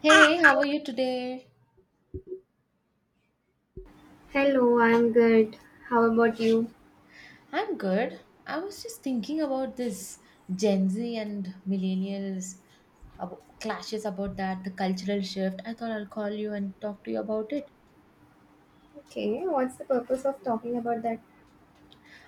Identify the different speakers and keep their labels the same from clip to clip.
Speaker 1: Hey, how are you today?
Speaker 2: Hello, I'm good. How about you?
Speaker 1: I'm good. I was just thinking about this Gen Z and millennials clashes about that, the cultural shift. I thought I'll call you and talk to you about it.
Speaker 2: Okay, what's the purpose of talking about that?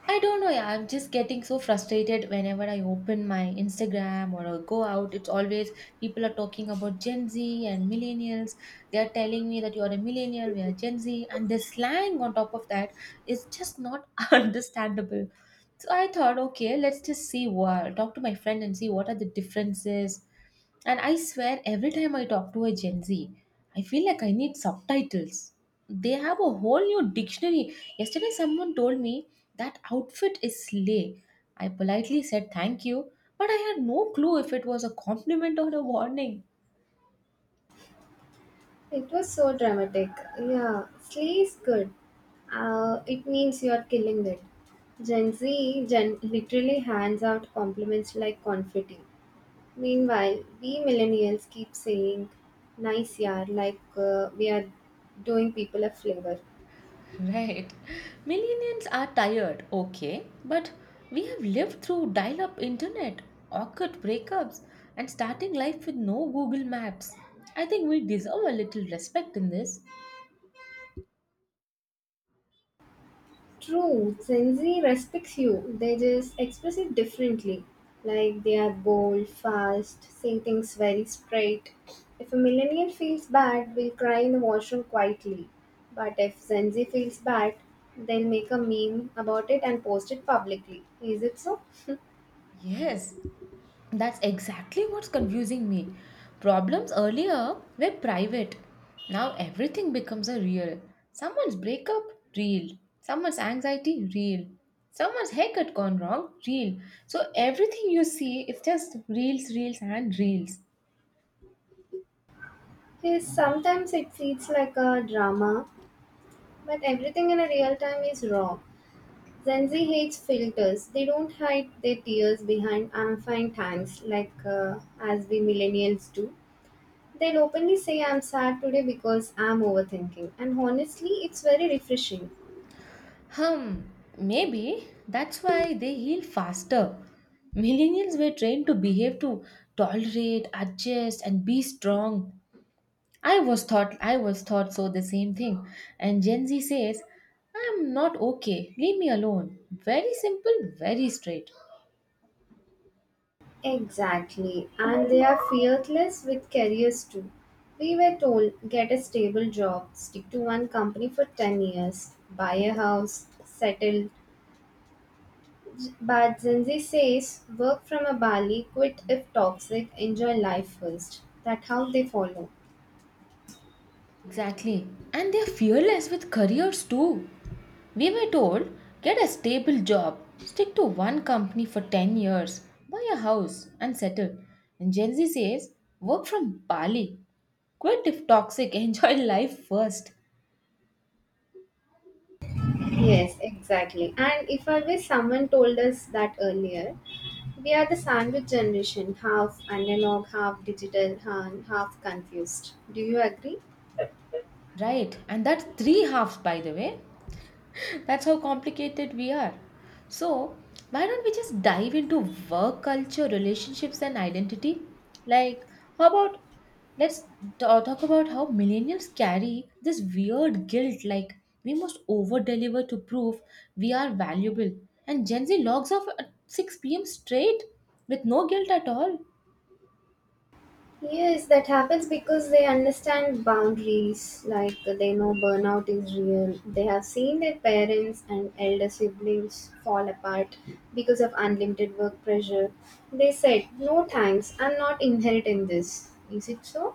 Speaker 1: I don't know, yeah, I'm just getting so frustrated whenever I open my Instagram or I go out. It's always people are talking about Gen Z and millennials. They are telling me that you're a millennial, we are Gen Z, and the slang on top of that is just not understandable. So I thought, okay, let's just see what, talk to my friend and see what are the differences. And I swear, every time I talk to a Gen Z, I feel like I need subtitles. They have a whole new dictionary. Yesterday, someone told me that outfit is slay. I politely said thank you, but I had no clue if it was a compliment or a warning.
Speaker 2: It was so dramatic. Yeah, slay is good. It means you are killing it. Literally hands out compliments like confetti. Meanwhile, we millennials keep saying, nice yar, like we are doing people a flavor.
Speaker 1: Right. Millennials are tired, okay, but we have lived through dial up internet, awkward breakups, and starting life with no Google Maps. I think we deserve a little respect in this.
Speaker 2: True, Gen Z respects you. They just express it differently. Like they are bold, fast, say things very straight. If a millennial feels bad, will cry in the washroom quietly. But if Gen Z feels bad, they'll make a meme about it and post it publicly. Is it so?
Speaker 1: Yes, that's exactly what's confusing me. Problems earlier were private. Now everything becomes a real. Someone's breakup, real. Someone's anxiety, real. Someone's haircut gone wrong, real. So everything you see is just reels, reels, and reels.
Speaker 2: Yes, sometimes it feels like a drama, but everything in a real time is raw. Gen Z hates filters. They don't hide their tears behind I'm fine times like as we millennials do. They'll openly say I'm sad today because I'm overthinking. And honestly, it's very refreshing.
Speaker 1: Hmm, maybe that's why they heal faster. Millennials were trained to behave to tolerate, adjust, and be strong. I was thought so the same thing. And Gen Z says, I am not okay. Leave me alone. Very simple, very straight.
Speaker 2: Exactly. And they are fearless with careers too. We were told get a stable job, stick to one company for 10 years, buy a house, settle, but Zenzi says work from a Bali, quit if toxic, enjoy life first. That how they follow.
Speaker 1: Exactly. And they're fearless with careers too. We were told, get a stable job, stick to one company for 10 years, buy a house and settle. And Gen Z says, work from Bali. Quit if toxic, enjoy life first.
Speaker 2: Yes, exactly. And if I wish someone told us that earlier, we are the sandwich generation, half analog, half digital, and half confused. Do you agree?
Speaker 1: Right. And that's three halves by the way. That's how complicated we are. So, why don't we just dive into work culture, relationships, and identity? Like, how about let's talk about how millennials carry this weird guilt like we must over deliver to prove we are valuable, and Gen Z logs off at 6 p.m. straight with no guilt at all.
Speaker 2: Yes, that happens because they understand boundaries, like they know burnout is real. They have seen their parents and elder siblings fall apart because of unlimited work pressure. They said, no thanks, I'm not inheriting this. Is it so?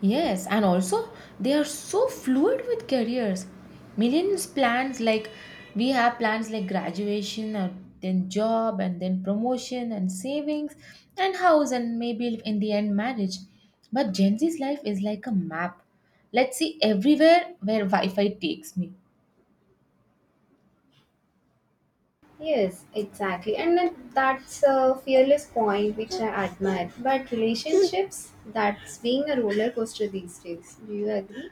Speaker 1: Yes, and also they are so fluid with careers. Millions plans like we have plans like graduation or then job and then promotion and savings and house and maybe in the end marriage. But Gen Z's life is like a map. Let's see everywhere where Wi-Fi takes me.
Speaker 2: Yes, exactly. That's a fearless point which I admire. But relationships, that's being a roller coaster these days. Do you agree?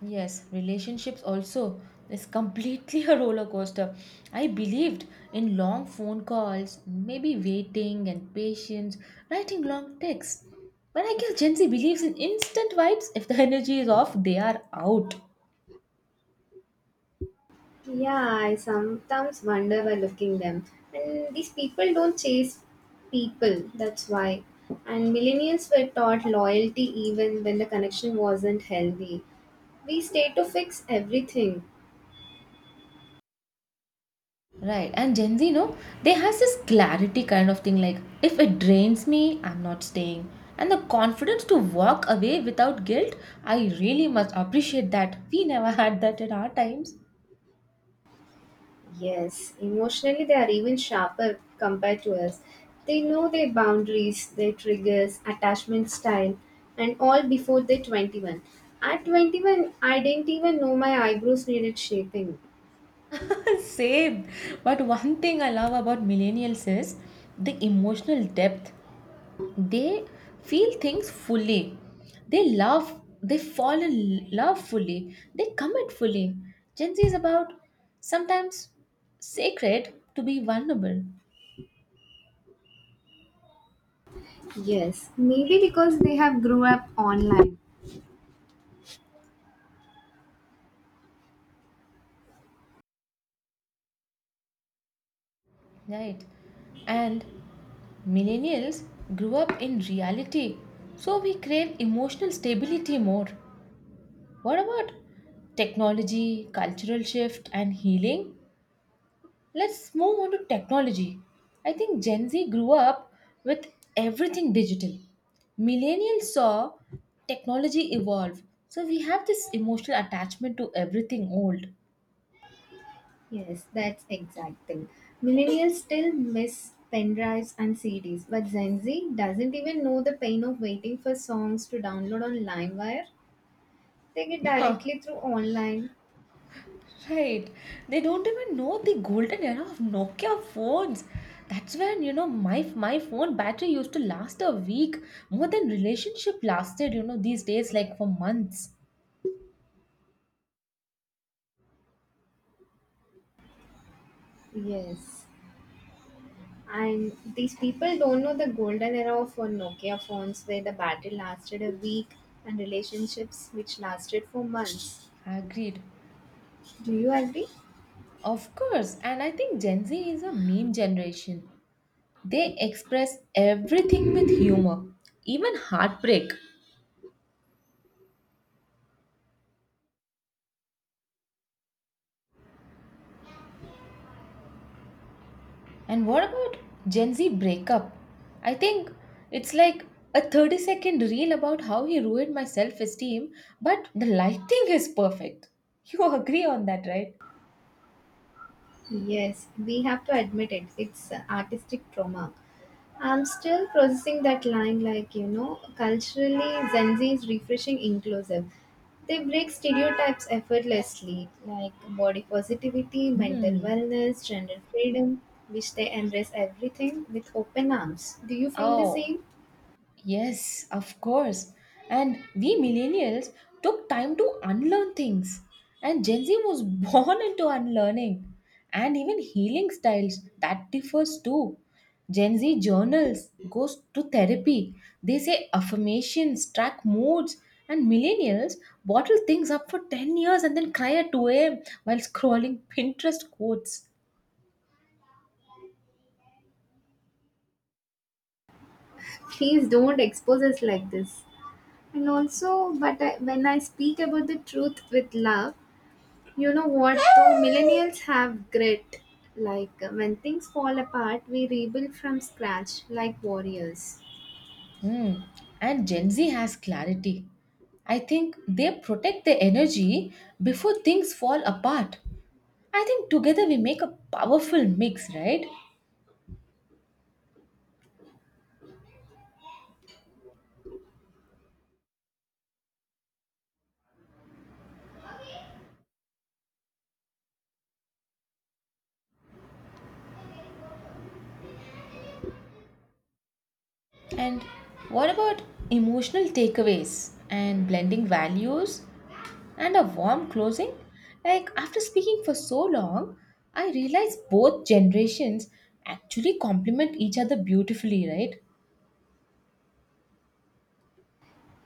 Speaker 1: Yes, relationships also is completely a roller coaster. I believed in long phone calls, maybe waiting and patience, writing long texts. But I guess Gen Z believes in instant vibes. If the energy is off, they are out.
Speaker 2: Yeah, I sometimes wonder by looking them. And these people don't chase people, that's why. And millennials were taught loyalty even when the connection wasn't healthy. We stay to fix everything.
Speaker 1: Right, and Gen Z, no, they has this clarity kind of thing like if it drains me, I'm not staying. And the confidence to walk away without guilt, I really must appreciate that. We never had that in our times.
Speaker 2: Yes, emotionally they are even sharper compared to us. They know their boundaries, their triggers, attachment style, and all before they're 21. At 21, I didn't even know my eyebrows needed shaping.
Speaker 1: Same. But one thing I love about millennials is the emotional depth. They feel things fully. They love, they fall in love fully. They commit fully. Gen Z is about sometimes sacred to be vulnerable,
Speaker 2: Yes, maybe because they have grew up online.
Speaker 1: right? And millennials grew up in reality, so we crave emotional stability more. What about technology, cultural shift, and healing? Let's move on to technology. I think Gen Z grew up with everything digital. Millennials saw technology evolve. So we have this emotional attachment to everything old.
Speaker 2: Yes, that's exact thing. Millennials still miss pen drives and CDs, but Gen Z doesn't even know the pain of waiting for songs to download on LimeWire. They get
Speaker 1: Huh,
Speaker 2: directly through online.
Speaker 1: right. They don't even know the golden era of Nokia phones. That's when, you know, my phone battery used to last a week more than relationship lasted, you know, these days like for months.
Speaker 2: Yes. And these people don't know the golden era of Nokia phones where the battery lasted a week and relationships which lasted for months.
Speaker 1: Agreed.
Speaker 2: Do you agree?
Speaker 1: Of course, and I think Gen Z is a meme generation. They express everything with humor, even heartbreak. And what about Gen Z breakup? I think it's like a 30-second reel about how he ruined my self esteem, but the lighting is perfect. You agree on that, right?
Speaker 2: Yes, we have to admit it. It's artistic trauma. I'm still processing that line, like, you know, culturally, Gen Z is refreshing inclusive. They break stereotypes effortlessly, like body positivity, mental
Speaker 1: Hmm.
Speaker 2: wellness, gender freedom, which they embrace everything with open arms. Do you feel the
Speaker 1: Oh,
Speaker 2: same?
Speaker 1: yes, of course. And we millennials took time to unlearn things. And Gen Z was born into unlearning and even healing styles that differs too. Gen Z journals, goes to therapy. They say affirmations, track moods, and millennials bottle things up for 10 years and then cry at 2 a.m. while scrolling Pinterest quotes.
Speaker 2: Please don't expose us like this. And also, but I, when I speak about the truth with love, you know what though? Millennials have grit. When things fall apart, we rebuild from scratch like warriors.
Speaker 1: Hmm. And Gen Z has clarity. I think they protect their energy before things fall apart. I think together we make a powerful mix, right? And what about emotional takeaways and blending values and a warm closing? Like, after speaking for so long, I realize both generations actually complement each other beautifully, right?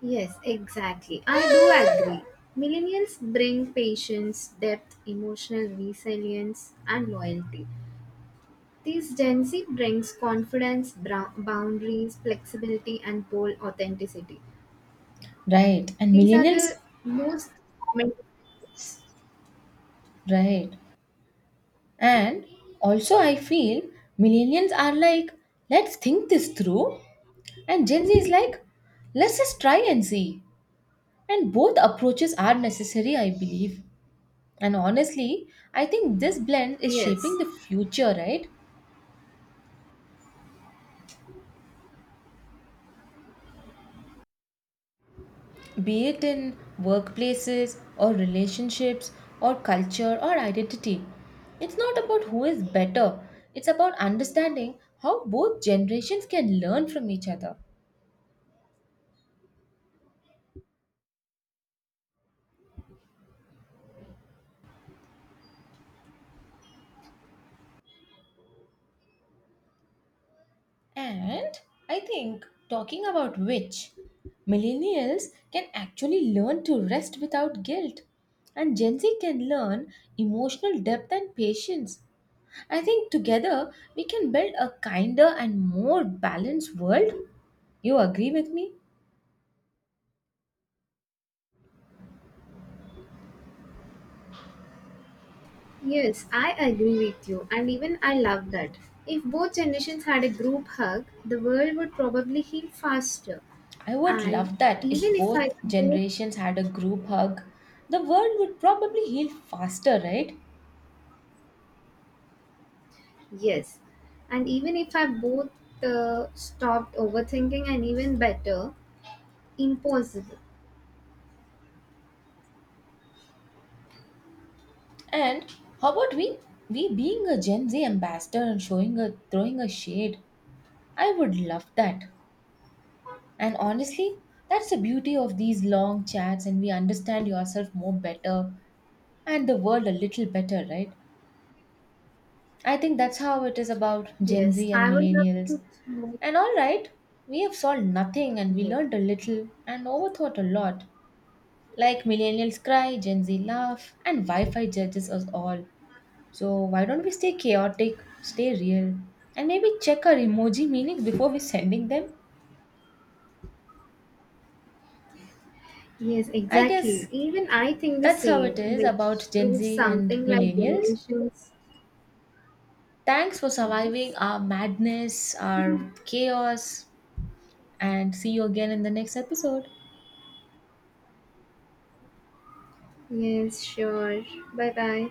Speaker 2: Yes, exactly. I do agree. Millennials bring patience, depth, emotional resilience, and loyalty. This Gen Z brings boundaries, flexibility, and bold authenticity.
Speaker 1: Right. And
Speaker 2: These are
Speaker 1: millennials,
Speaker 2: the most common differences.
Speaker 1: right. And also, I feel millennials are like, let's think this through. And Gen Z is like, let's just try and see. And both approaches are necessary, I believe. And honestly, I think this blend is
Speaker 2: Yes.
Speaker 1: shaping the future, right? Be it in workplaces or relationships or culture or identity. It's not about who is better, it's about understanding how both generations can learn from each other. And I think, talking about which, millennials can actually learn to rest without guilt, and Gen Z can learn emotional depth and patience. I think together we can build a kinder and more balanced world. You agree with me?
Speaker 2: Yes, I agree with you, and even I love that. If both generations had a group hug, the world would probably heal faster.
Speaker 1: I would
Speaker 2: And
Speaker 1: love that if
Speaker 2: even if I
Speaker 1: both
Speaker 2: both,
Speaker 1: generations had a group hug. The world would probably heal faster, right?
Speaker 2: yes, and even if I both stopped overthinking and even better, impossible.
Speaker 1: And how about we being a Gen Z ambassador and showing a throwing a shade? I would love that. And honestly, that's the beauty of these long chats, and we understand yourself more better and the world a little better, right? I think that's how it is about Gen
Speaker 2: Yes,
Speaker 1: Z and
Speaker 2: I would love to
Speaker 1: millennials.
Speaker 2: know.
Speaker 1: And all right, we have solved nothing and we
Speaker 2: Yes.
Speaker 1: learned a little and overthought a lot. Like millennials cry, Gen Z laugh, and Wi Fi judges us all. So why don't we stay chaotic, stay real, and maybe check our emoji meanings before we sending them?
Speaker 2: Yes,
Speaker 1: I
Speaker 2: exactly.
Speaker 1: guess
Speaker 2: Even I think the
Speaker 1: that's how it
Speaker 2: same,
Speaker 1: is
Speaker 2: which
Speaker 1: about Gen
Speaker 2: proves
Speaker 1: Z and
Speaker 2: something like
Speaker 1: millennials.
Speaker 2: generations.
Speaker 1: Thanks for surviving
Speaker 2: Yes.
Speaker 1: our madness, our chaos, and see you again in the next episode.
Speaker 2: Yes, sure. Bye bye.